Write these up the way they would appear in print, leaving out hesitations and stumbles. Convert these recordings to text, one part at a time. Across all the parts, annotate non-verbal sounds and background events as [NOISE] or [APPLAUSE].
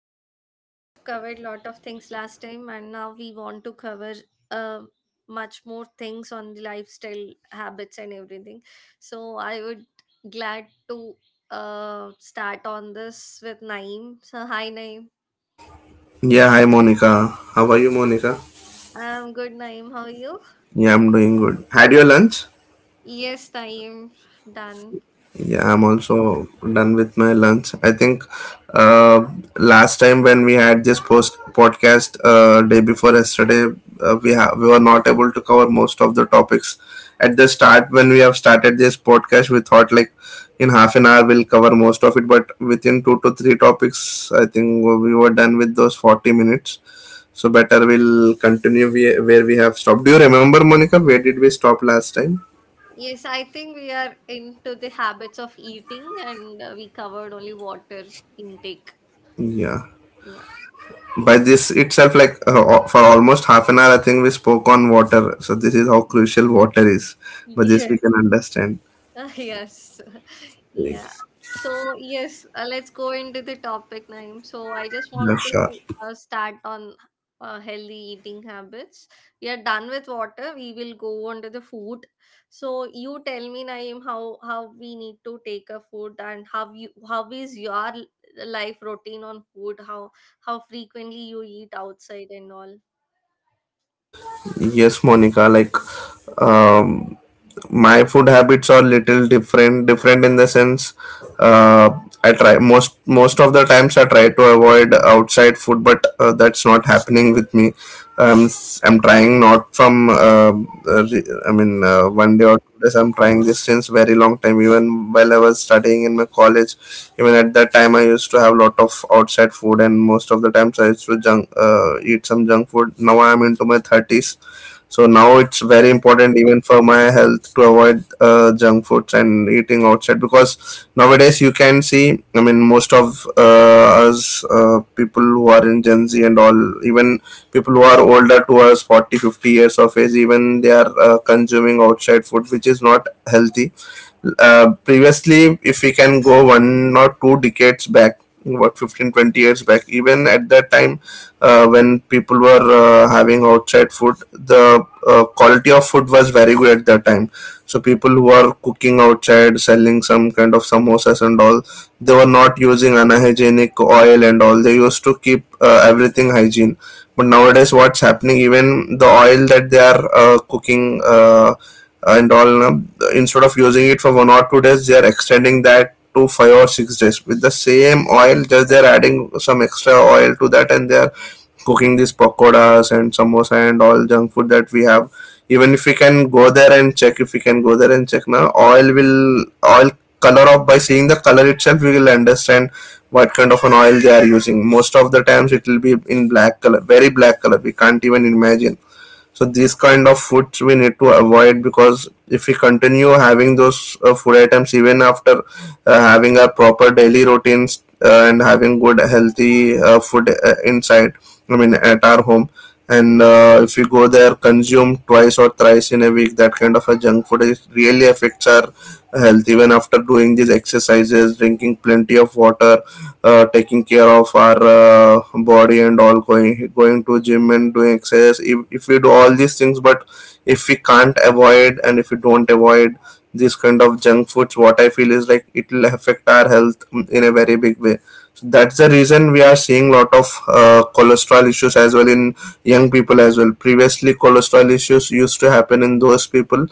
I think we have covered lot of things last time and now we want to cover uh, much more things on the lifestyle habits and everything. So I would glad to start on this with Naeem. So hi Naeem. Yeah, hi Monica. How are you, Monica? I'm good Naeem. How are you? Yeah, I'm doing good. Had your lunch? Yes Naeem. Done. Yeah, I'm Okay. also done with my lunch. I think uh, last time when we had this post podcast day before yesterday, we were not able to cover most of the topics. At the start, when we have started this podcast, we thought like in half an hour we'll cover most of it, but within two to three topics, I think we were done with those 40 minutes. So better we'll continue where we have stopped. Do you remember, Monica? Where did we stop last time? Yes, I think we are into the habits of eating and we covered only water intake. Yeah. Yeah. By this itself, like for almost half an hour, I think we spoke on water, so this is how crucial water is, but this we Yes. can understand. Yes. [LAUGHS] Yeah. So, yes, let's go into the topic, Naeem. So, I just Yeah, want to sure. Start on healthy eating habits. We are done with water. We will go on to the food. So, you tell me, Naeem, how we need to take a food and how you how is your life routine on food? How frequently you eat outside and all? Yes, Monica, like um my food habits are little different in the sense. uh, I try, most of the times I try to avoid outside food, but that's not happening with me. um, I'm trying not from I mean one day or 2 days. I'm trying this since very long time, even while I was studying in my college. Even at that time I used to have lot of outside food, and most of the times I used to junk eat some junk food. Now I'm into my 30s, so now it's very important even for my health to avoid junk foods and eating outside, because nowadays you can see, I mean, most of us people who are in Gen Z and all, even people who are older to us, 40, 50 years of age, even they are consuming outside food, which is not healthy. Previously, if we can go one or two decades back, what, 15-20 years back, even at that time, when people were having outside food, the quality of food was very good at that time. So people who are cooking outside, selling some kind of samosas and all, they were not using unhygienic oil and all. They used to keep everything hygiene. But nowadays, what's happening, even the oil that they are cooking and all now, instead of using it for 1 or 2 days, they are extending that to 5 or 6 days with the same oil. Just they are adding some extra oil to that, and they are cooking these pakoras and samosa and all junk food that we have. Even if we can go there and check, if we can go there and check now oil will oil color, of by seeing the color itself we will understand what kind of an oil they are using. Most of the times it will be in black color, very black color. We can't even imagine. So these kind of foods we need to avoid, because if we continue having those food items even after having a proper daily routines and having good healthy food inside, I mean at our home, and if we go there, consume twice or thrice in a week, that kind of a junk food is really affects our health. Even after doing these exercises, drinking plenty of water, taking care of our body and all, going to gym and doing exercise, if we do all these things, but if we can't avoid and if we don't avoid this kind of junk foods, what I feel is like, it will affect our health in a very big way. So that's the reason we are seeing lot of cholesterol issues as well in young people as well. Previously, cholesterol issues used to happen in those people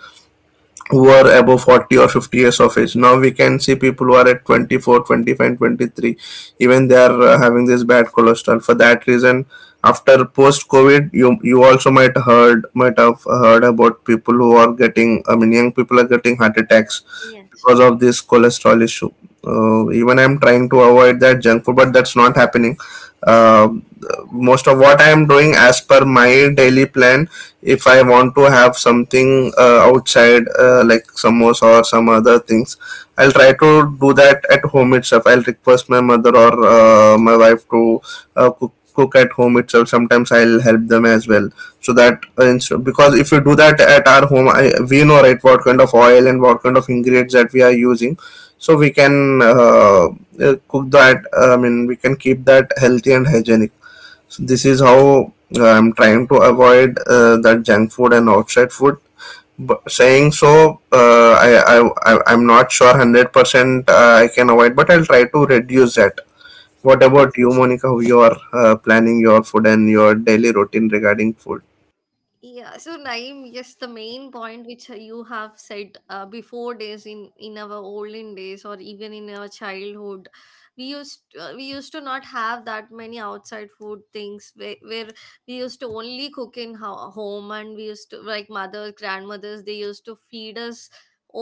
who are above 40 or 50 years of age. Now we can see people who are at 24, 25, 23, even they are having this bad cholesterol. For that reason, after post covid, you also might have heard about people who are getting, I mean young people are getting heart attacks Yes. because of this cholesterol issue. Even I'm trying to avoid that junk food, but that's not happening. Um, most of what I am doing as per my daily plan, if I want to have something outside, like samosa or some other things, I'll try to do that at home itself. I'll request my mother or my wife to cook at home itself. Sometimes I'll help them as well, so that because if you do that at our home, I, we know right what kind of oil and what kind of ingredients that we are using. So we can cook that, I mean we can keep that healthy and hygienic. So this is how I'm trying to avoid that junk food and outside food, but saying so, I'm not sure 100% I can avoid, but I'll try to reduce that. What Yeah. about you, Monica? Who you are planning your food and your daily routine regarding food? Yeah, so Naeem, yes, the main point which you have said before days in our olden days or even in our childhood, we used to not have that many outside food things where we used to only cook in home and we used to like mothers, grandmothers, they used to feed us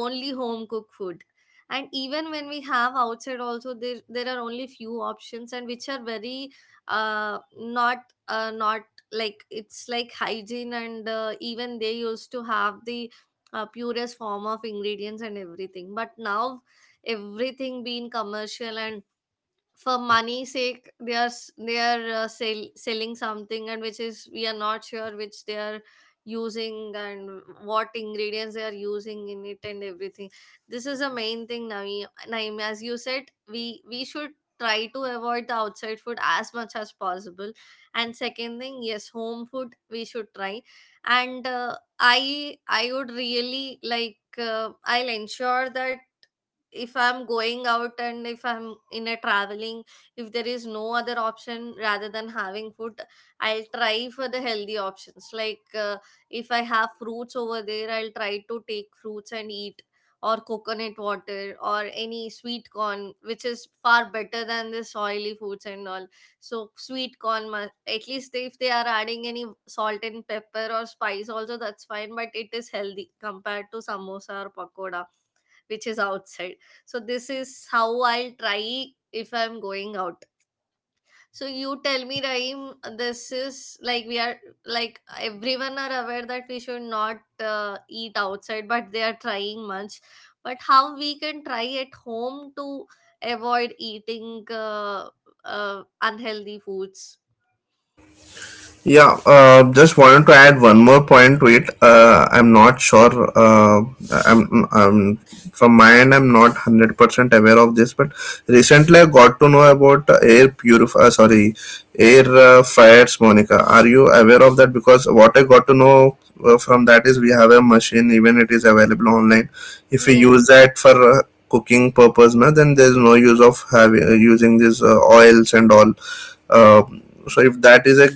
only home cooked food. And even when we have outside, also there are only few options and which are very not not like it's like hygiene and even they used to have the purest form of ingredients and everything but now everything being commercial and for money sake they are selling something and which is we are not sure which they are using and what ingredients they are using in it and everything this is a main thing naeem as you said we should try to avoid the outside food as much as possible and second thing yes home food we should try and I would really like I'll ensure that if I'm going out and if I'm in a traveling if there is no other option rather than having food I'll try for the healthy options like if I have fruits over there I'll try to take fruits and eat or coconut water or any sweet corn which is far better than this oily foods and all. So sweet corn at least if they are adding any salt and pepper or spice also that's fine, but it is healthy compared to samosa or pakoda which is outside. So this is how I'll try if I'm going out. So you tell me, Raheem, this is like we are like everyone are aware that we should not eat outside, but they are trying much. But how we can try at home to avoid eating unhealthy foods? Yeah, just wanted to add one more point to it. I'm not sure. I'm from my end. I'm not 100% aware of this, but recently I got to know about air purif. Sorry, air fryers. Monica, are you aware of that? Because what I got to know from that is we have a machine. Even it is available online. If we Yeah. use that for cooking purpose, na, then there's no use of having using these oils and all. Uh, so if that is a,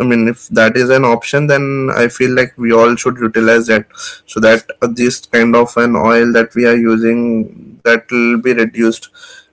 I mean if that is an option, then I feel like we all should utilize that, so that this kind of an oil that we are using, that will be reduced.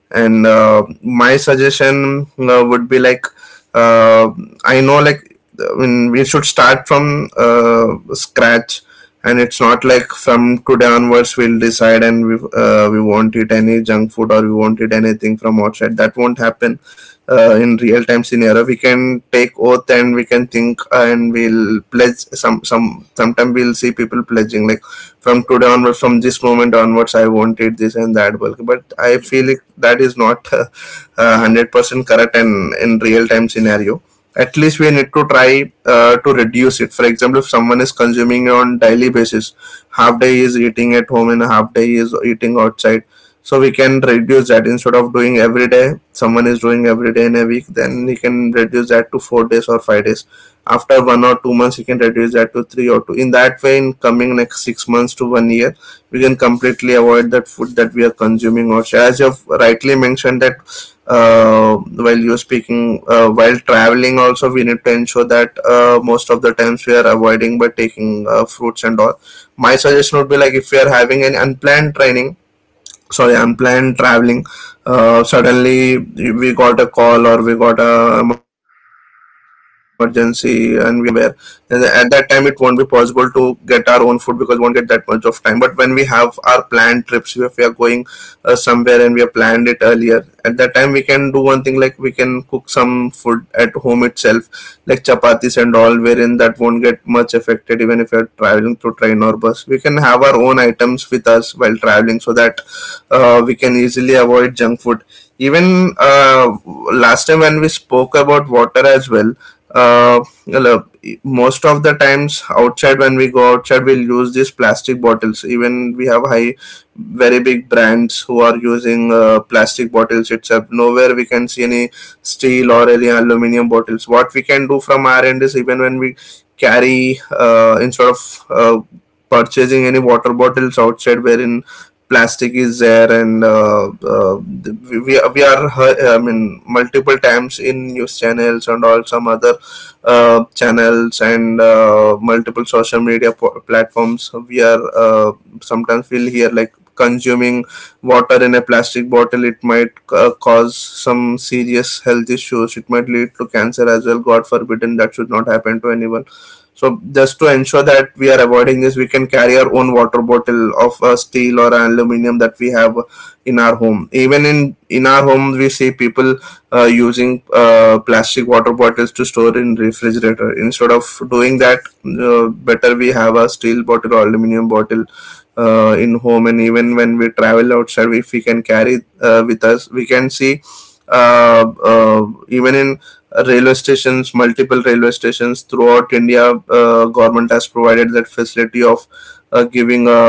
And my suggestion would be like, uh, I know, like, I mean we should start from scratch, and it's not like from today onwards we'll decide and we won't eat any junk food or we won't eat anything from outside. That won't happen in real time scenario. We can take oath and we can think and we'll pledge some, sometime we'll see people pledging like from today onwards, from this moment onwards I wanted this and that bulk, but I feel it, that is not [LAUGHS] 100% correct. And in real time scenario, at least we need to try to reduce it. For example, if someone is consuming on daily basis, half day is eating at home and half day is eating outside, so we can reduce that. Instead of doing every day, someone is doing every day in a week, then he can reduce that to 4 days or 5 days. After 1 or 2 months, he can reduce that to three or two. In that way, in coming next 6 months to 1 year, we can completely avoid that food that we are consuming. Or, as you've rightly mentioned that, while you're speaking, while traveling also we need to ensure that most of the times we are avoiding by taking fruits and all. My suggestion would be like, if we are having an unplanned training, sorry, unplanned traveling, suddenly we got a call or we got a emergency and we somewhere, and at that time it won't be possible to get our own food, because we won't get that much of time. But when we have our planned trips, if we are going somewhere and we have planned it earlier, at that time we can do one thing, like we can cook some food at home itself, like chapatis and all, wherein that won't get much affected. Even if you're traveling through train or bus, we can have our own items with us while traveling, so that we can easily avoid junk food. Even last time when we spoke about water as well, uh, well, uh, most of the times outside, when we go outside we'll use these plastic bottles. Even we have high very big brands who are using plastic bottles itself. Nowhere we can see any steel or any aluminum bottles. What we can do from our end is, even when we carry instead of purchasing any water bottles outside wherein plastic is there, and we are I mean, multiple times in news channels and all, some other channels and multiple social media platforms we are sometimes we'll hear like, consuming water in a plastic bottle, it might cause some serious health issues, it might lead to cancer as well. God forbidden, that should not happen to anyone. So just to ensure that we are avoiding this, we can carry our own water bottle of steel or aluminum that we have in our home. Even in our home we see people using plastic water bottles to store in refrigerator. Instead of doing that, better we have a steel bottle or aluminum bottle in home. And even when we travel outside, if we can carry with us, we can see uh, even in railway stations, multiple railway stations throughout India, government has provided that facility of uh, giving a,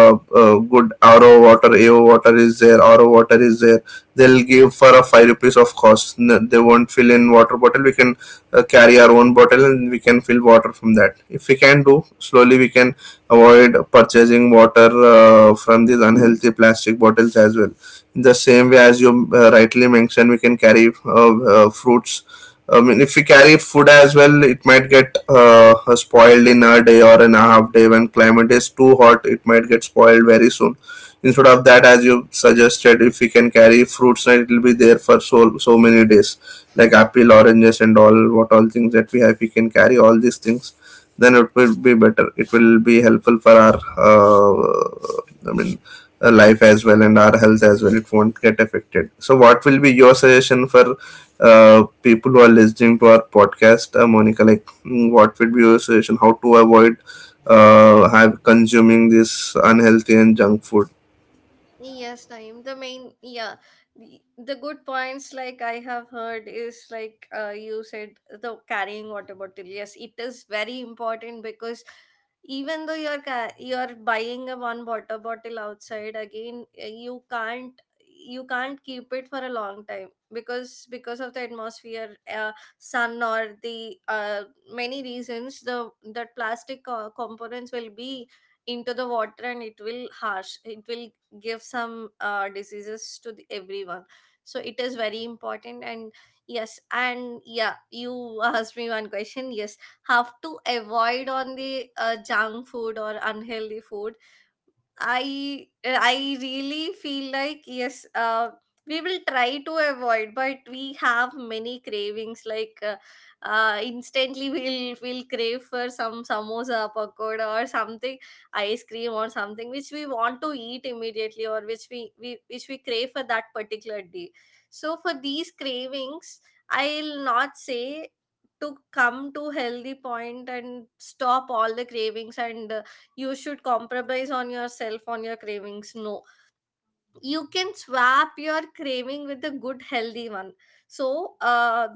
a good ro water is there. They'll give for a five rupees of cost. They won't fill in water bottle. We can carry our own bottle and we can fill water from that. If we can do slowly, we can avoid purchasing water from these unhealthy plastic bottles as well. In the same way, as you rightly mentioned, we can carry fruits. I mean, if we carry food as well, it might get spoiled in a day or in a half day. When climate is too hot, it might get spoiled very soon. Instead of that, as you suggested, if we can carry fruits, and it will be there for so many days, like apple, oranges, and all what all things that we have, we can carry all these things. Then it will be better. It will be helpful for our uh, i mean life as well and our health as well. It won't get affected. So what will be your suggestion for people who are listening to our podcast, Monica? Like, mm, what would be your suggestion how to avoid have consuming this unhealthy and junk food? Yes, Naeem. The main, the good points like I have heard is like you said the carrying water bottle. Yes, it is very important because even though you're you're buying a one water bottle outside again, you can't keep it for a long time because of the atmosphere, sun or the many reasons the plastic components will be into the water and it will harsh it will give some diseases to the, everyone. So it is very important. And yes, and yeah you [LAUGHS] asked me one question. Yes, have to avoid on the junk food or unhealthy food. I really feel like yes, we will try to avoid, but we have many cravings. Like instantly, [LAUGHS] we'll crave for some samosa, pakoda, or something, ice cream, or something which we want to eat immediately, or which we which we crave for that particular day. So for these cravings, I'll not say to come to healthy point and stop all the cravings and you should compromise on yourself on your cravings. No, you can swap your craving with a good healthy one. So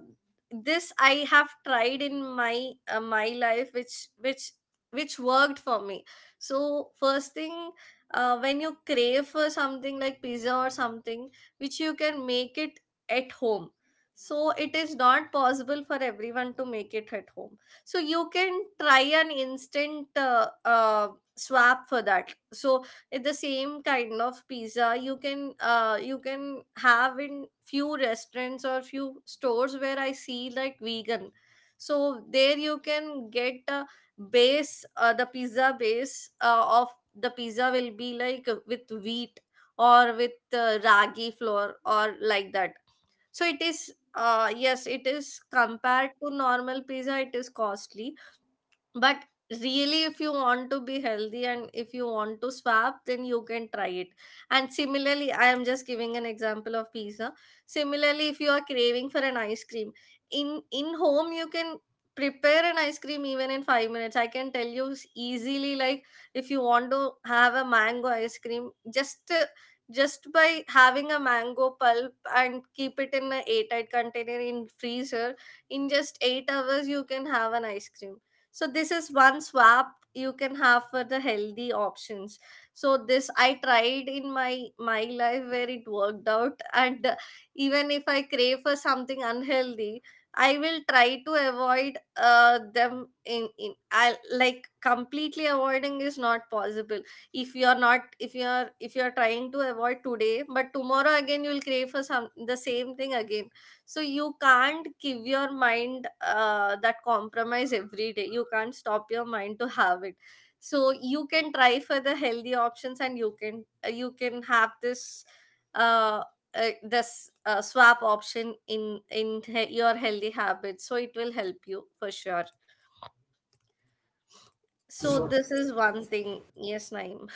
this I have tried in my my life which which worked for me. So first thing, when you crave for something like pizza or something which you can make it at home, so it is not possible for everyone to make it at home. So you can try an instant swap for that. So it- the same kind of pizza you can have in few restaurants or few stores where I see like vegan. So there you can get a base, the pizza base of the pizza will be like with wheat or with ragi flour or like that. So it is yes, it is compared to normal pizza it is costly, but really if you want to be healthy and if you want to swap then you can try it. And similarly I am just giving an example of pizza. Similarly if you are craving for an ice cream, in home you can prepare an ice cream even in 5 minutes I can tell you easily. Like if you want to have a mango ice cream, just by having a mango pulp and keep it in a airtight container in freezer in just 8 hours you can have an ice cream. So this is one swap you can have for the healthy options. So this I tried in my my life where it worked out. And even if I crave for something unhealthy I will try to avoid them in I like completely avoiding is not possible. If you're not if you're if you're trying to avoid today but tomorrow again you'll crave for some the same thing again. So you can't give your mind that compromise every day. You can't stop your mind to have it. So you can try for the healthy options and you can have this uh, swap option in your healthy habits so it will help you for sure. So this is one thing, yes naim.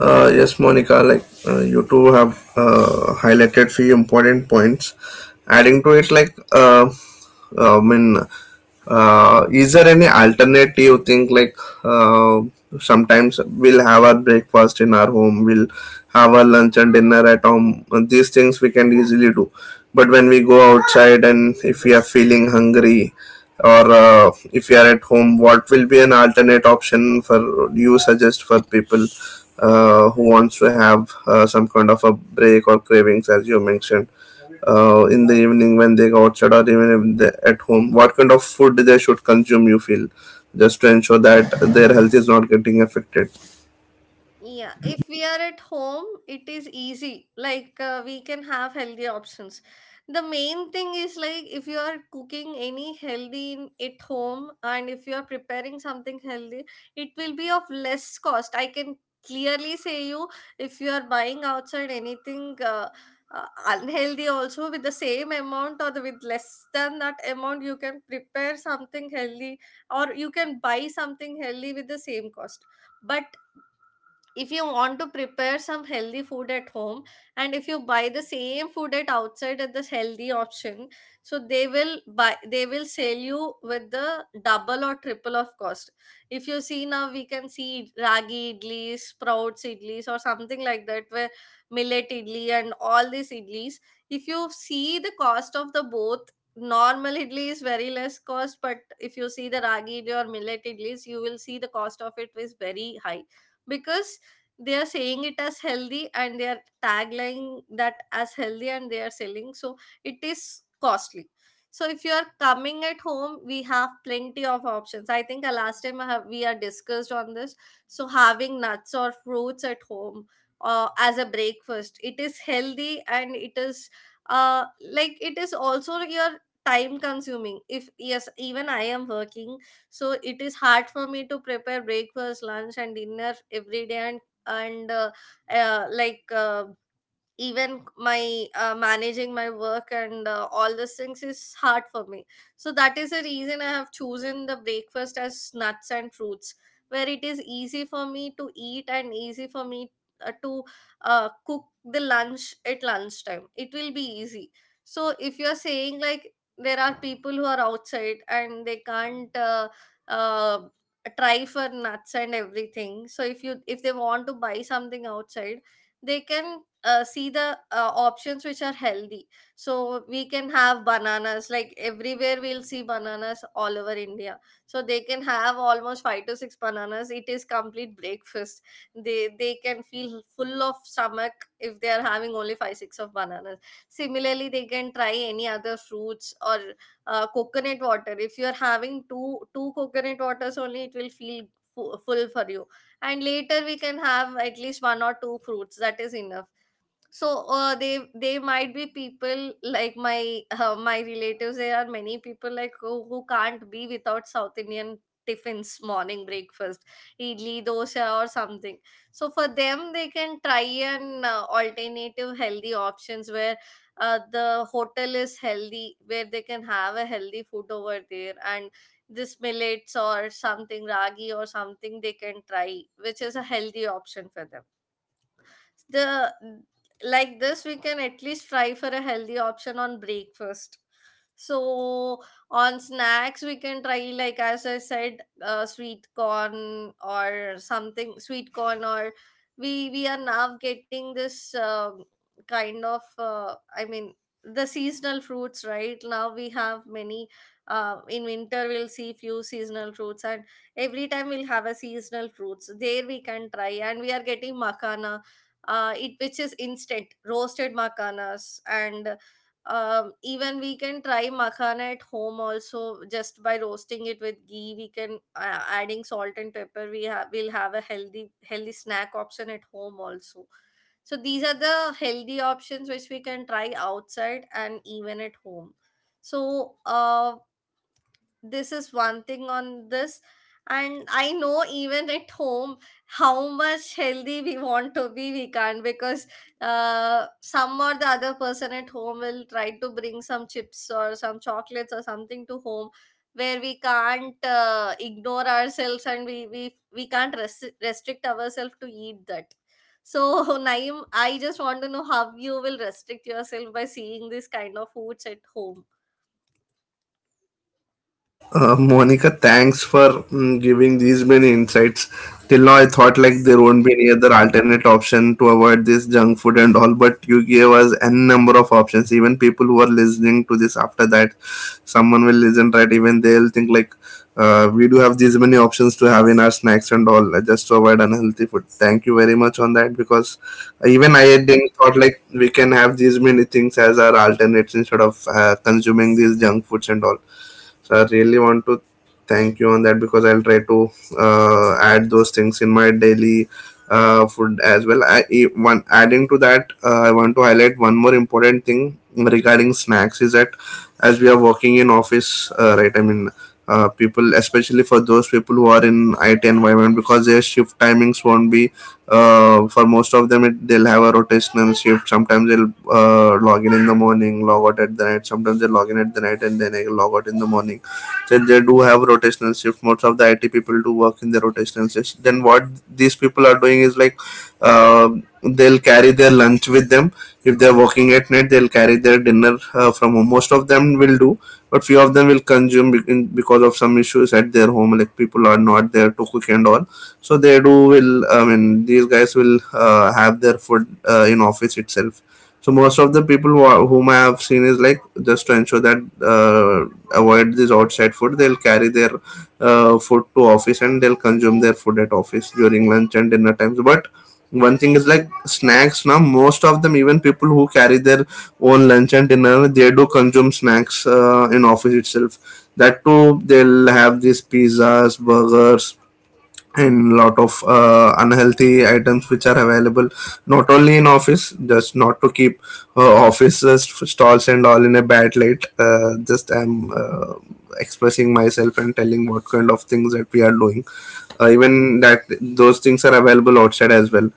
Yes, Monica, like, you two have highlighted few important points. Adding to it, like, uh, I mean, is there any alternative you think, like, uh, sometimes we'll have our breakfast in our home, we'll have our lunch and dinner at home. These things we can easily do. But when we go outside and if we are feeling hungry, or if you are at home, what will be an alternate option for you suggest for people? Who wants to have some kind of a break or cravings, as you mentioned, in the evening when they go outside, or even if they at home, what kind of food they should consume, you feel, just to ensure that their health is not getting affected? Yeah, if we are at home, it is easy. Like, we can have healthy options. The main thing is like if you are cooking any healthy in, at home and if you are preparing something healthy, it will be of less cost. I can clearly say you, if you are buying outside anything unhealthy also with the same amount or the, with less than that amount, you can prepare something healthy or you can buy something healthy with the same cost. But if you want to prepare some healthy food at home and if you buy the same food at outside at this healthy option, so they will buy they will sell you with the double or triple of cost. If you see now, we can see ragi idlis, sprouts idlis or something like that, where millet idli and all these idlis, if you see the cost of the both, normal idli is very less cost, but if you see the ragi idli or millet idlis you will see the cost of it is very high because they are saying it as healthy and they are tagline that as healthy and they are selling, so it is costly. So if you are coming at home, we have plenty of options. I think last time we are discussed on this. So having nuts or fruits at home as a breakfast, it is healthy and it is uh, like it is also your time consuming. If yes, even I am working, so it is hard for me to prepare breakfast, lunch and dinner every day and and uh, uh, like uh, even my managing my work and all those things is hard for me. So that is the reason I have chosen the breakfast as nuts and fruits, where it is easy for me to eat and easy for me to cook the lunch at lunchtime, it will be easy. So if you're saying like there are people who are outside and they can't uh, try for nuts and everything, so if you if they want to buy something outside, they can see the options which are healthy. So we can have bananas, like everywhere we'll see bananas all over India. So they can have almost 5 to 6 bananas, it is complete breakfast, they can feel full of stomach if they are having only 5 6 of bananas. Similarly they can try any other fruits or coconut water. If you are having two coconut waters only it will feel full for you and later we can have at least one or two fruits, that is enough. So They they might be people like my my relatives, there are many people like who can't be without south Indian tiffins. Morning breakfast, idli dosa or something. So for them, they can try an alternative healthy options where the hotel is healthy, where they can have a healthy food over there. And this millets or something, ragi or something, they can try, which is a healthy option for them. The like this we can at least try for a healthy option on breakfast. So on snacks we can try, like as I said, sweet corn or something, sweet corn, or we are now getting this kind of uh, i mean the seasonal fruits. Right now we have many. In winter we'll see few seasonal fruits, and every time we'll have a seasonal fruits there we can try. And we are getting makana, it which is instant roasted makhanas. And even we can try makhana at home also, just by roasting it with ghee. We can, adding salt and pepper, we'll have a healthy snack option at home also. So these are the healthy options which we can try outside and even at home. So this is one thing on this. And I know even at home, how much healthy we want to be, we can't, because some or the other person at home will try to bring some chips or some chocolates or something to home, where we can't ignore ourselves and we can't restrict ourselves to eat that. So [LAUGHS] Naim, I just want to know how you will restrict yourself by seeing this kind of foods at home. Monica, thanks for mm, giving these many insights. Till now, I thought like there won't be any other alternate option to avoid this junk food and all, but you gave us n number of options. Even people who are listening to this after that, someone will listen right. Even they'll think like, we do have these many options to have in our snacks and all, just to avoid unhealthy food. Thank you very much on that, because even I didn't thought like we can have these many things as our alternates instead of consuming these junk foods and all. So I really want to thank you on that, because I'll try to add those things in my daily food as well. One adding to that, I want to highlight one more important thing regarding snacks is that as we are working in office, right, people, especially for those people who are in it environment, because their shift timings won't be for most of them, they'll have a rotational shift. Sometimes they'll log in the morning, log out at the night. Sometimes they log in at the night and then they log out in the morning. So they do have rotational shift. Most of the it people do work in the rotational shift. Then what these people are doing is like, uh, they'll carry their lunch with them. If they're working at night, they'll carry their dinner from home. Most of them will do, but few of them will consume because of some issues at their home, like people are not there to cook and all. So they do will, I mean, these guys will have their food in office itself. So most of the people who are, whom I have seen, is like, just to ensure that uh, avoid this outside food, they'll carry their food to office and they'll consume their food at office during lunch and dinner times. But one thing is like snacks. Now most of them, even people who carry their own lunch and dinner, they do consume snacks in office itself. That too, they'll have these pizzas, burgers, and lot of unhealthy items which are available, not only in office. Just not to keep offices stalls and all in a bad light, just I'm expressing myself and telling what kind of things that we are doing. Even that those things are available outside as well.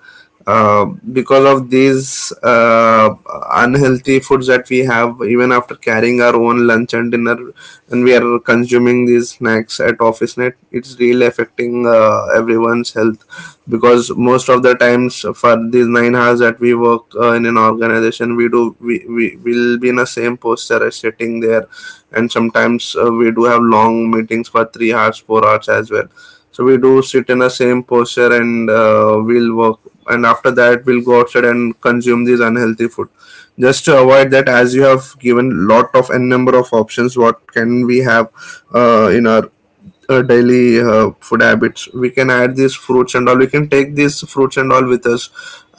uh, because of these unhealthy foods that we have, even after carrying our own lunch and dinner, and we are consuming these snacks at office net, it's really affecting everyone's health, because most of the times for these 9 hours that we work in an organization, we do we will be in the same posture as sitting there. And sometimes we do have long meetings for 3 hours, 4 hours as well. So we do sit in the same posture and we'll work, and after that we'll go outside and consume these unhealthy food. Just to avoid that, as you have given lot of n number of options what can we have in our daily food habits, we can add these fruits and all. We can take these fruits and all with us.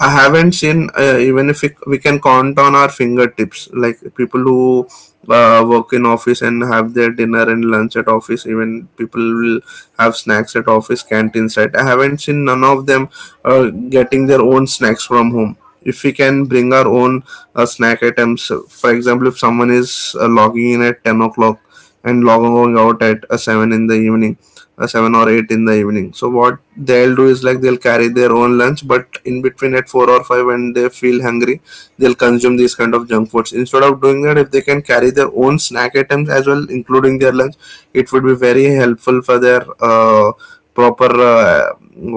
I haven't seen even if it, we can count on our fingertips like people who work in office and have their dinner and lunch at office. Even people will have snacks at office canteen side. I haven't seen none of them getting their own snacks from home. If we can bring our own snack items, for example, if someone is logging in at 10 o'clock and log going out at a 7 in the evening, a 7 or 8 in the evening, so what they'll do is like, they'll carry their own lunch, but in between at 4 or 5 when they feel hungry, they'll consume these kind of junk foods. Instead of doing that, if they can carry their own snack items as well including their lunch, it would be very helpful for their proper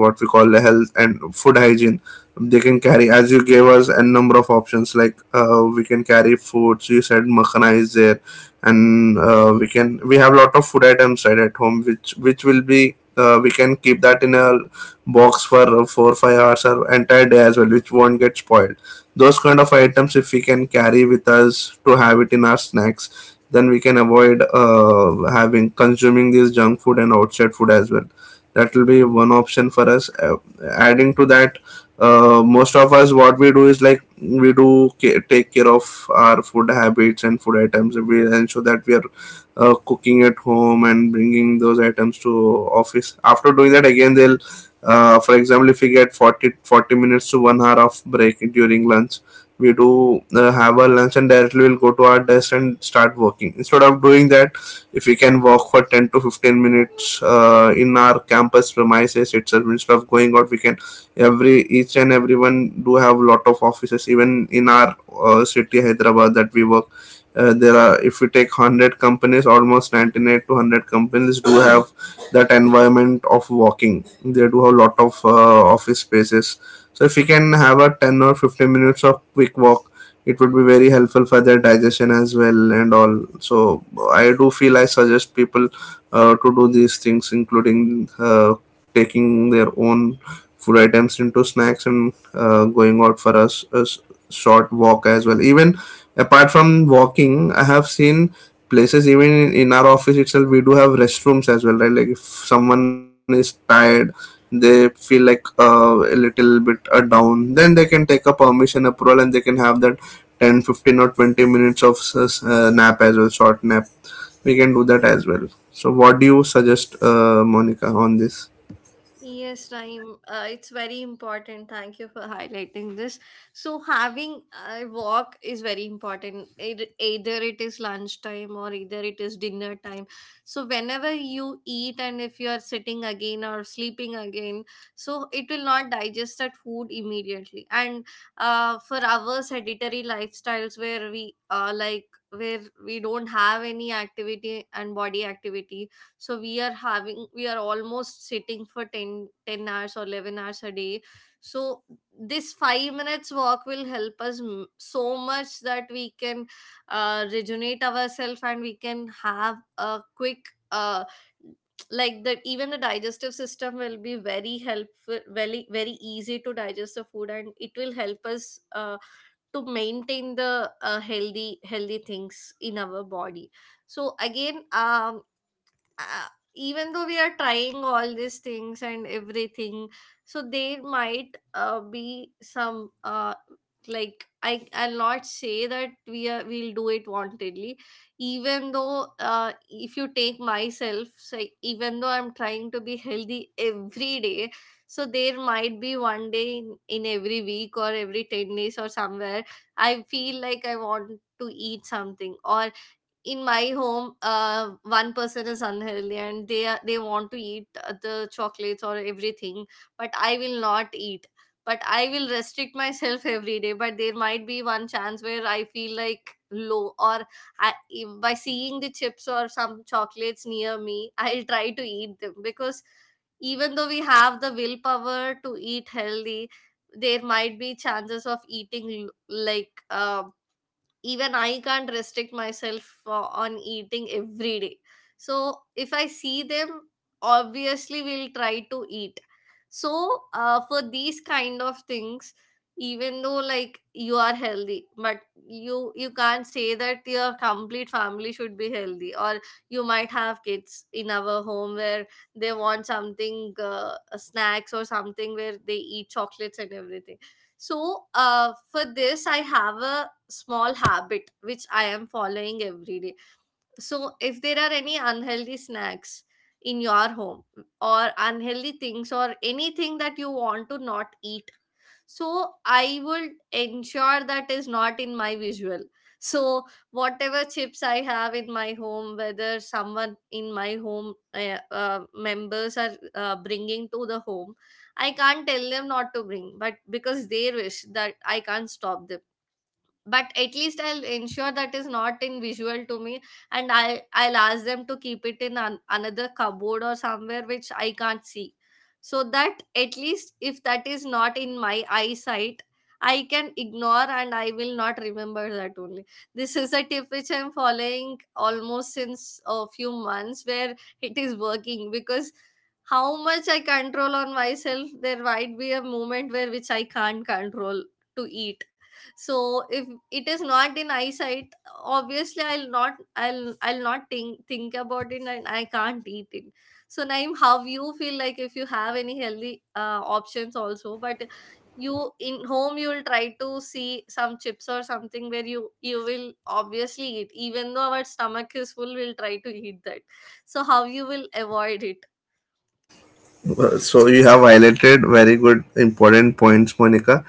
what we call health and food hygiene. They can carry, as you gave us a number of options, like, we can carry foods, you said makhana is there, and we have a lot of food items right at home, which will be we can keep that in a box for 4, 5 hours or entire day as well, which won't get spoiled. Those kind of items, if we can carry with us to have it in our snacks, then we can avoid having consuming this junk food and outside food as well. That will be one option for us. Adding to that, most of us what we do is like, we do take care of our food habits and food items. We ensure that we are cooking at home and bringing those items to office. After doing that, again they'll for example, if we get 40 40 minutes to 1 hour of break during lunch, we do have our lunch and directly we'll go to our desk and start working. Instead of doing that, if we can walk for 10 to 15 minutes in our campus premises itself instead of going out, we can, every each and everyone do have lot of offices, even in our city Hyderabad that we work, there are, if we take 100 companies, almost 98 to 100 companies do have that environment of walking. They do have lot of office spaces. So if we can have a 10 or 15 minutes of quick walk, it would be very helpful for their digestion as well and all. So I do feel, I suggest people to do these things, including taking their own food items into snacks and going out for short walk as well. Even apart from walking, I have seen places even in our office itself. We do have restrooms as well, right? Like if someone is tired, they feel like a little bit down, then they can take a permission approval and they can have that 10, 15, or 20 minutes of nap as well, short nap. We can do that as well. So what do you suggest, monica, on this? Yes, time. It's very important. Thank you for highlighting this. So, having a walk is very important. It, either it is lunchtime or either it is dinner time. So, whenever you eat and if you are sitting again or sleeping again, so it will not digest that food immediately. And for our sedentary lifestyles where we like where we don't have any activity and body activity, so we are almost sitting for 10 10 hours or 11 hours a day. So this 5 minutes walk will help us so much that we can rejuvenate ourselves, and we can have a quick, uh, like that, even the digestive system will be very helpful, very very easy to digest the food. And it will help us to maintain the healthy things in our body. So again, uh, even though we are trying all these things and everything, so there might be some, like I'll not say that we'll do it wantedly. Even though, if you take myself, say, even though I'm trying to be healthy every day, so there might be one day in every week or every 10 days or somewhere I feel like I want to eat something, or in my home, one person is unhealthy and they want to eat the chocolates or everything, but I will not eat. But I will restrict myself [LAUGHS] every day. But there might be one chance where I feel like low, or I, by seeing the chips or some chocolates near me, I'll try to eat them, because even though we have the willpower to eat healthy, there might be chances of eating, like, even I can't restrict myself on eating every day. So if I see them, obviously we'll try to eat. So for these kind of things, even though like you are healthy, but you can't say that your complete family should be healthy, or you might have kids in our home where they want something, snacks or something, where they eat chocolates and everything. So for this I have a small habit which I am following every day. So, if there are any unhealthy snacks in your home or unhealthy things or anything that you want to not eat, so I would ensure that is not in my visual. So, whatever chips I have in my home, whether someone in my home, members are bringing to the home, I can't tell them not to bring, but because they wish that, I can't stop them. But at least I'll ensure that is not in visual to me. And I'll ask them to keep it in an, another cupboard or somewhere which I can't see, so that at least if that is not in my eyesight, I can ignore and I will not remember that only. This is a tip which I'm following almost since a few months, where it is working, because how much I control on myself, there might be a moment where which I can't control to eat. So if it is not in eyesight, obviously I'll not think about it, and I can't eat it. So Naim, how you feel like, if you have any healthy options also, but you in home you will try to see some chips or something where you will obviously eat, even though our stomach is full, we'll try to eat that. So how you will avoid it? Well, so you have highlighted very good important points, Monica.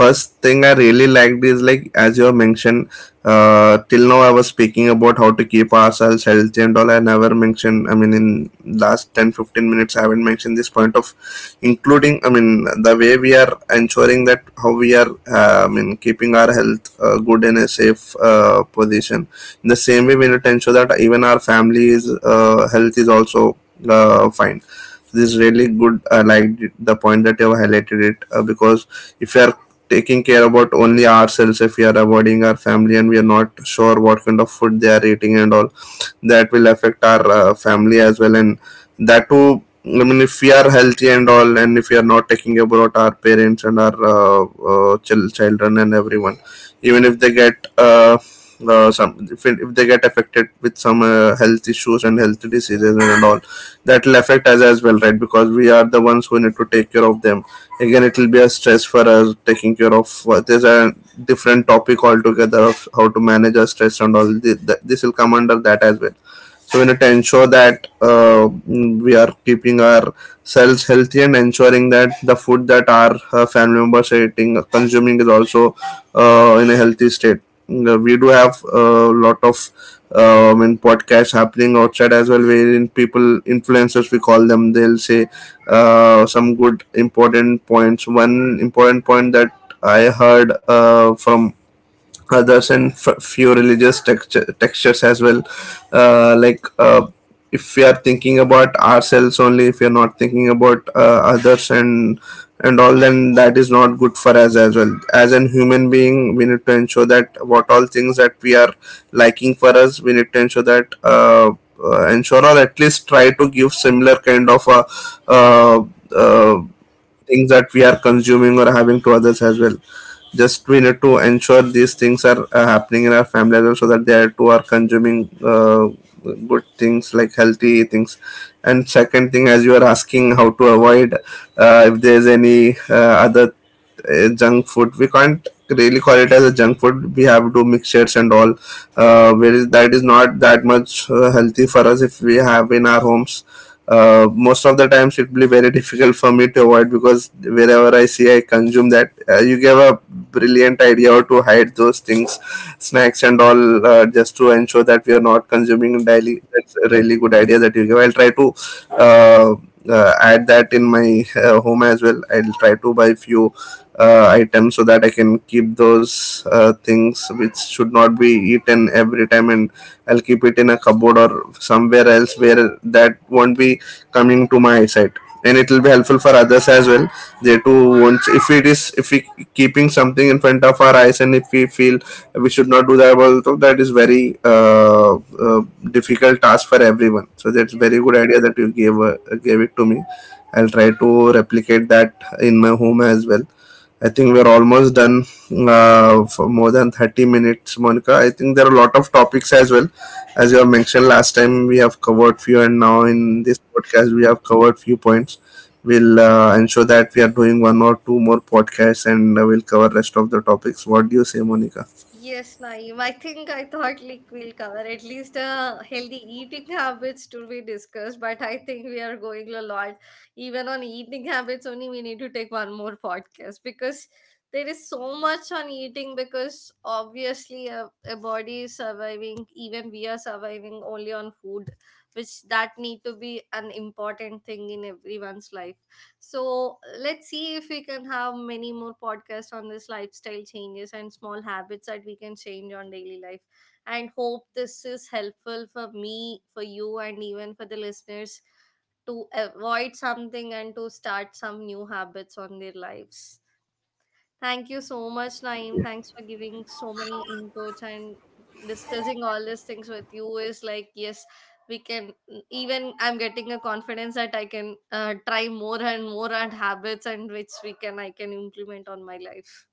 First thing I really liked is, like as you have mentioned, till now I was speaking about how to keep ourselves healthy and all. I never mentioned, I mean, in last 10, 15 minutes, I haven't mentioned this point of including. I mean, the way we are ensuring that how we are. I mean, keeping our health good in a safe position. In the same way, we need to ensure that even our family's health is also fine. So this is really good. I liked the point that you have highlighted it because if we are taking care about only ourselves, if we are avoiding our family and we are not sure what kind of food they are eating and all, that will affect our family as well. And that too, I mean, if we are healthy and all, and if we are not taking care about our parents and our children and everyone, even if they get some, if they get affected with some health issues and health diseases and all, that will affect us as well, right? Because we are the ones who need to take care of them. Again, it will be a stress for us taking care of. There's a different topic altogether of how to manage our stress, and all this will come under that as well. So we need to ensure that we are keeping our cells healthy and ensuring that the food that our family members are eating, consuming is also in a healthy state. We do have a lot of in podcasts happening outside as well, wherein people, influencers, we call them, they'll say some good important points. One important point that I heard from others and few religious textures as well, like if we are thinking about ourselves only, if we are not thinking about others and all, then that is not good for us as well. As an human being, we need to ensure that what all things that we are liking for us, we need to ensure that ensure or at least try to give similar kind of uh, uh, things that we are consuming or having to others as well. Just we need to ensure these things are happening in our family as well so that they too are consuming good things like healthy things. And second thing, as you are asking how to avoid if there's any other junk food. We can't really call it as a junk food. We have to mixtures and all, that is not that much healthy for us. If we have in our homes, most of the times it will be very difficult for me to avoid, because wherever I see I consume that. You gave a brilliant idea how to hide those things, snacks and all, just to ensure that we are not consuming daily. That's a really good idea that you gave. I'll try to uh, add that in my home as well. I'll try to buy few items so that I can keep those things which should not be eaten every time, and I'll keep it in a cupboard or somewhere else where that won't be coming to my eyesight, and it will be helpful for others as well. They too won't, if it is, if we keeping something in front of our eyes and if we feel we should not do that also, that is very difficult task for everyone. So that's very good idea that you gave it to me. I'll try to replicate that in my home as well. I think we're almost done, for more than 30 minutes, Monica. I think there are a lot of topics as well. As you have mentioned, last time we have covered few, and now in this podcast we have covered few points. We'll ensure that we are doing one or two more podcasts and we'll cover rest of the topics. What do you say, monica? Yes, Naeem. I think I thought like we'll cover at least healthy eating [LAUGHS] habits to be discussed, but I think we are going a lot. Even on eating habits only, we need to take one more podcast, because there is so much on eating. Because obviously, a body is surviving. Even we are surviving only on food, which that need to be an important thing in everyone's life. So let's see if we can have many more podcasts on this lifestyle changes and small habits that we can change on daily life. And hope this is helpful for me, for you, and even for the listeners, to avoid something and to start some new habits on their lives. Thank you so much, Naeem. Thanks for giving so many inputs and discussing all these things with you. Is like, yes, we can. Even I'm getting a confidence that I can try more and more and habits, and which we can I can implement on my life.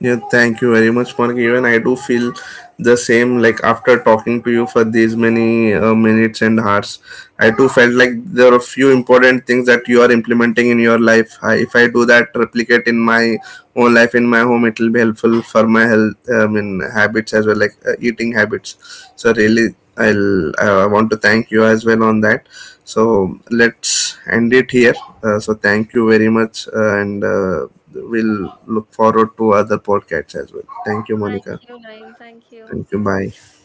Yeah, thank you very much, Mark. Even I do feel the same. Like after talking to you for these many minutes and hours, I too felt like there are a few important things that you are implementing in your life. If I do that, replicate in my own life in my home, it will be helpful for my health, I mean, habits as well, like eating habits. So really, I want to thank you as well on that. So let's end it here. So thank you very much, and we'll look forward to other podcasts as well. Thank you, Thank Monica. you, Naeem. Thank you. Thank you. Bye.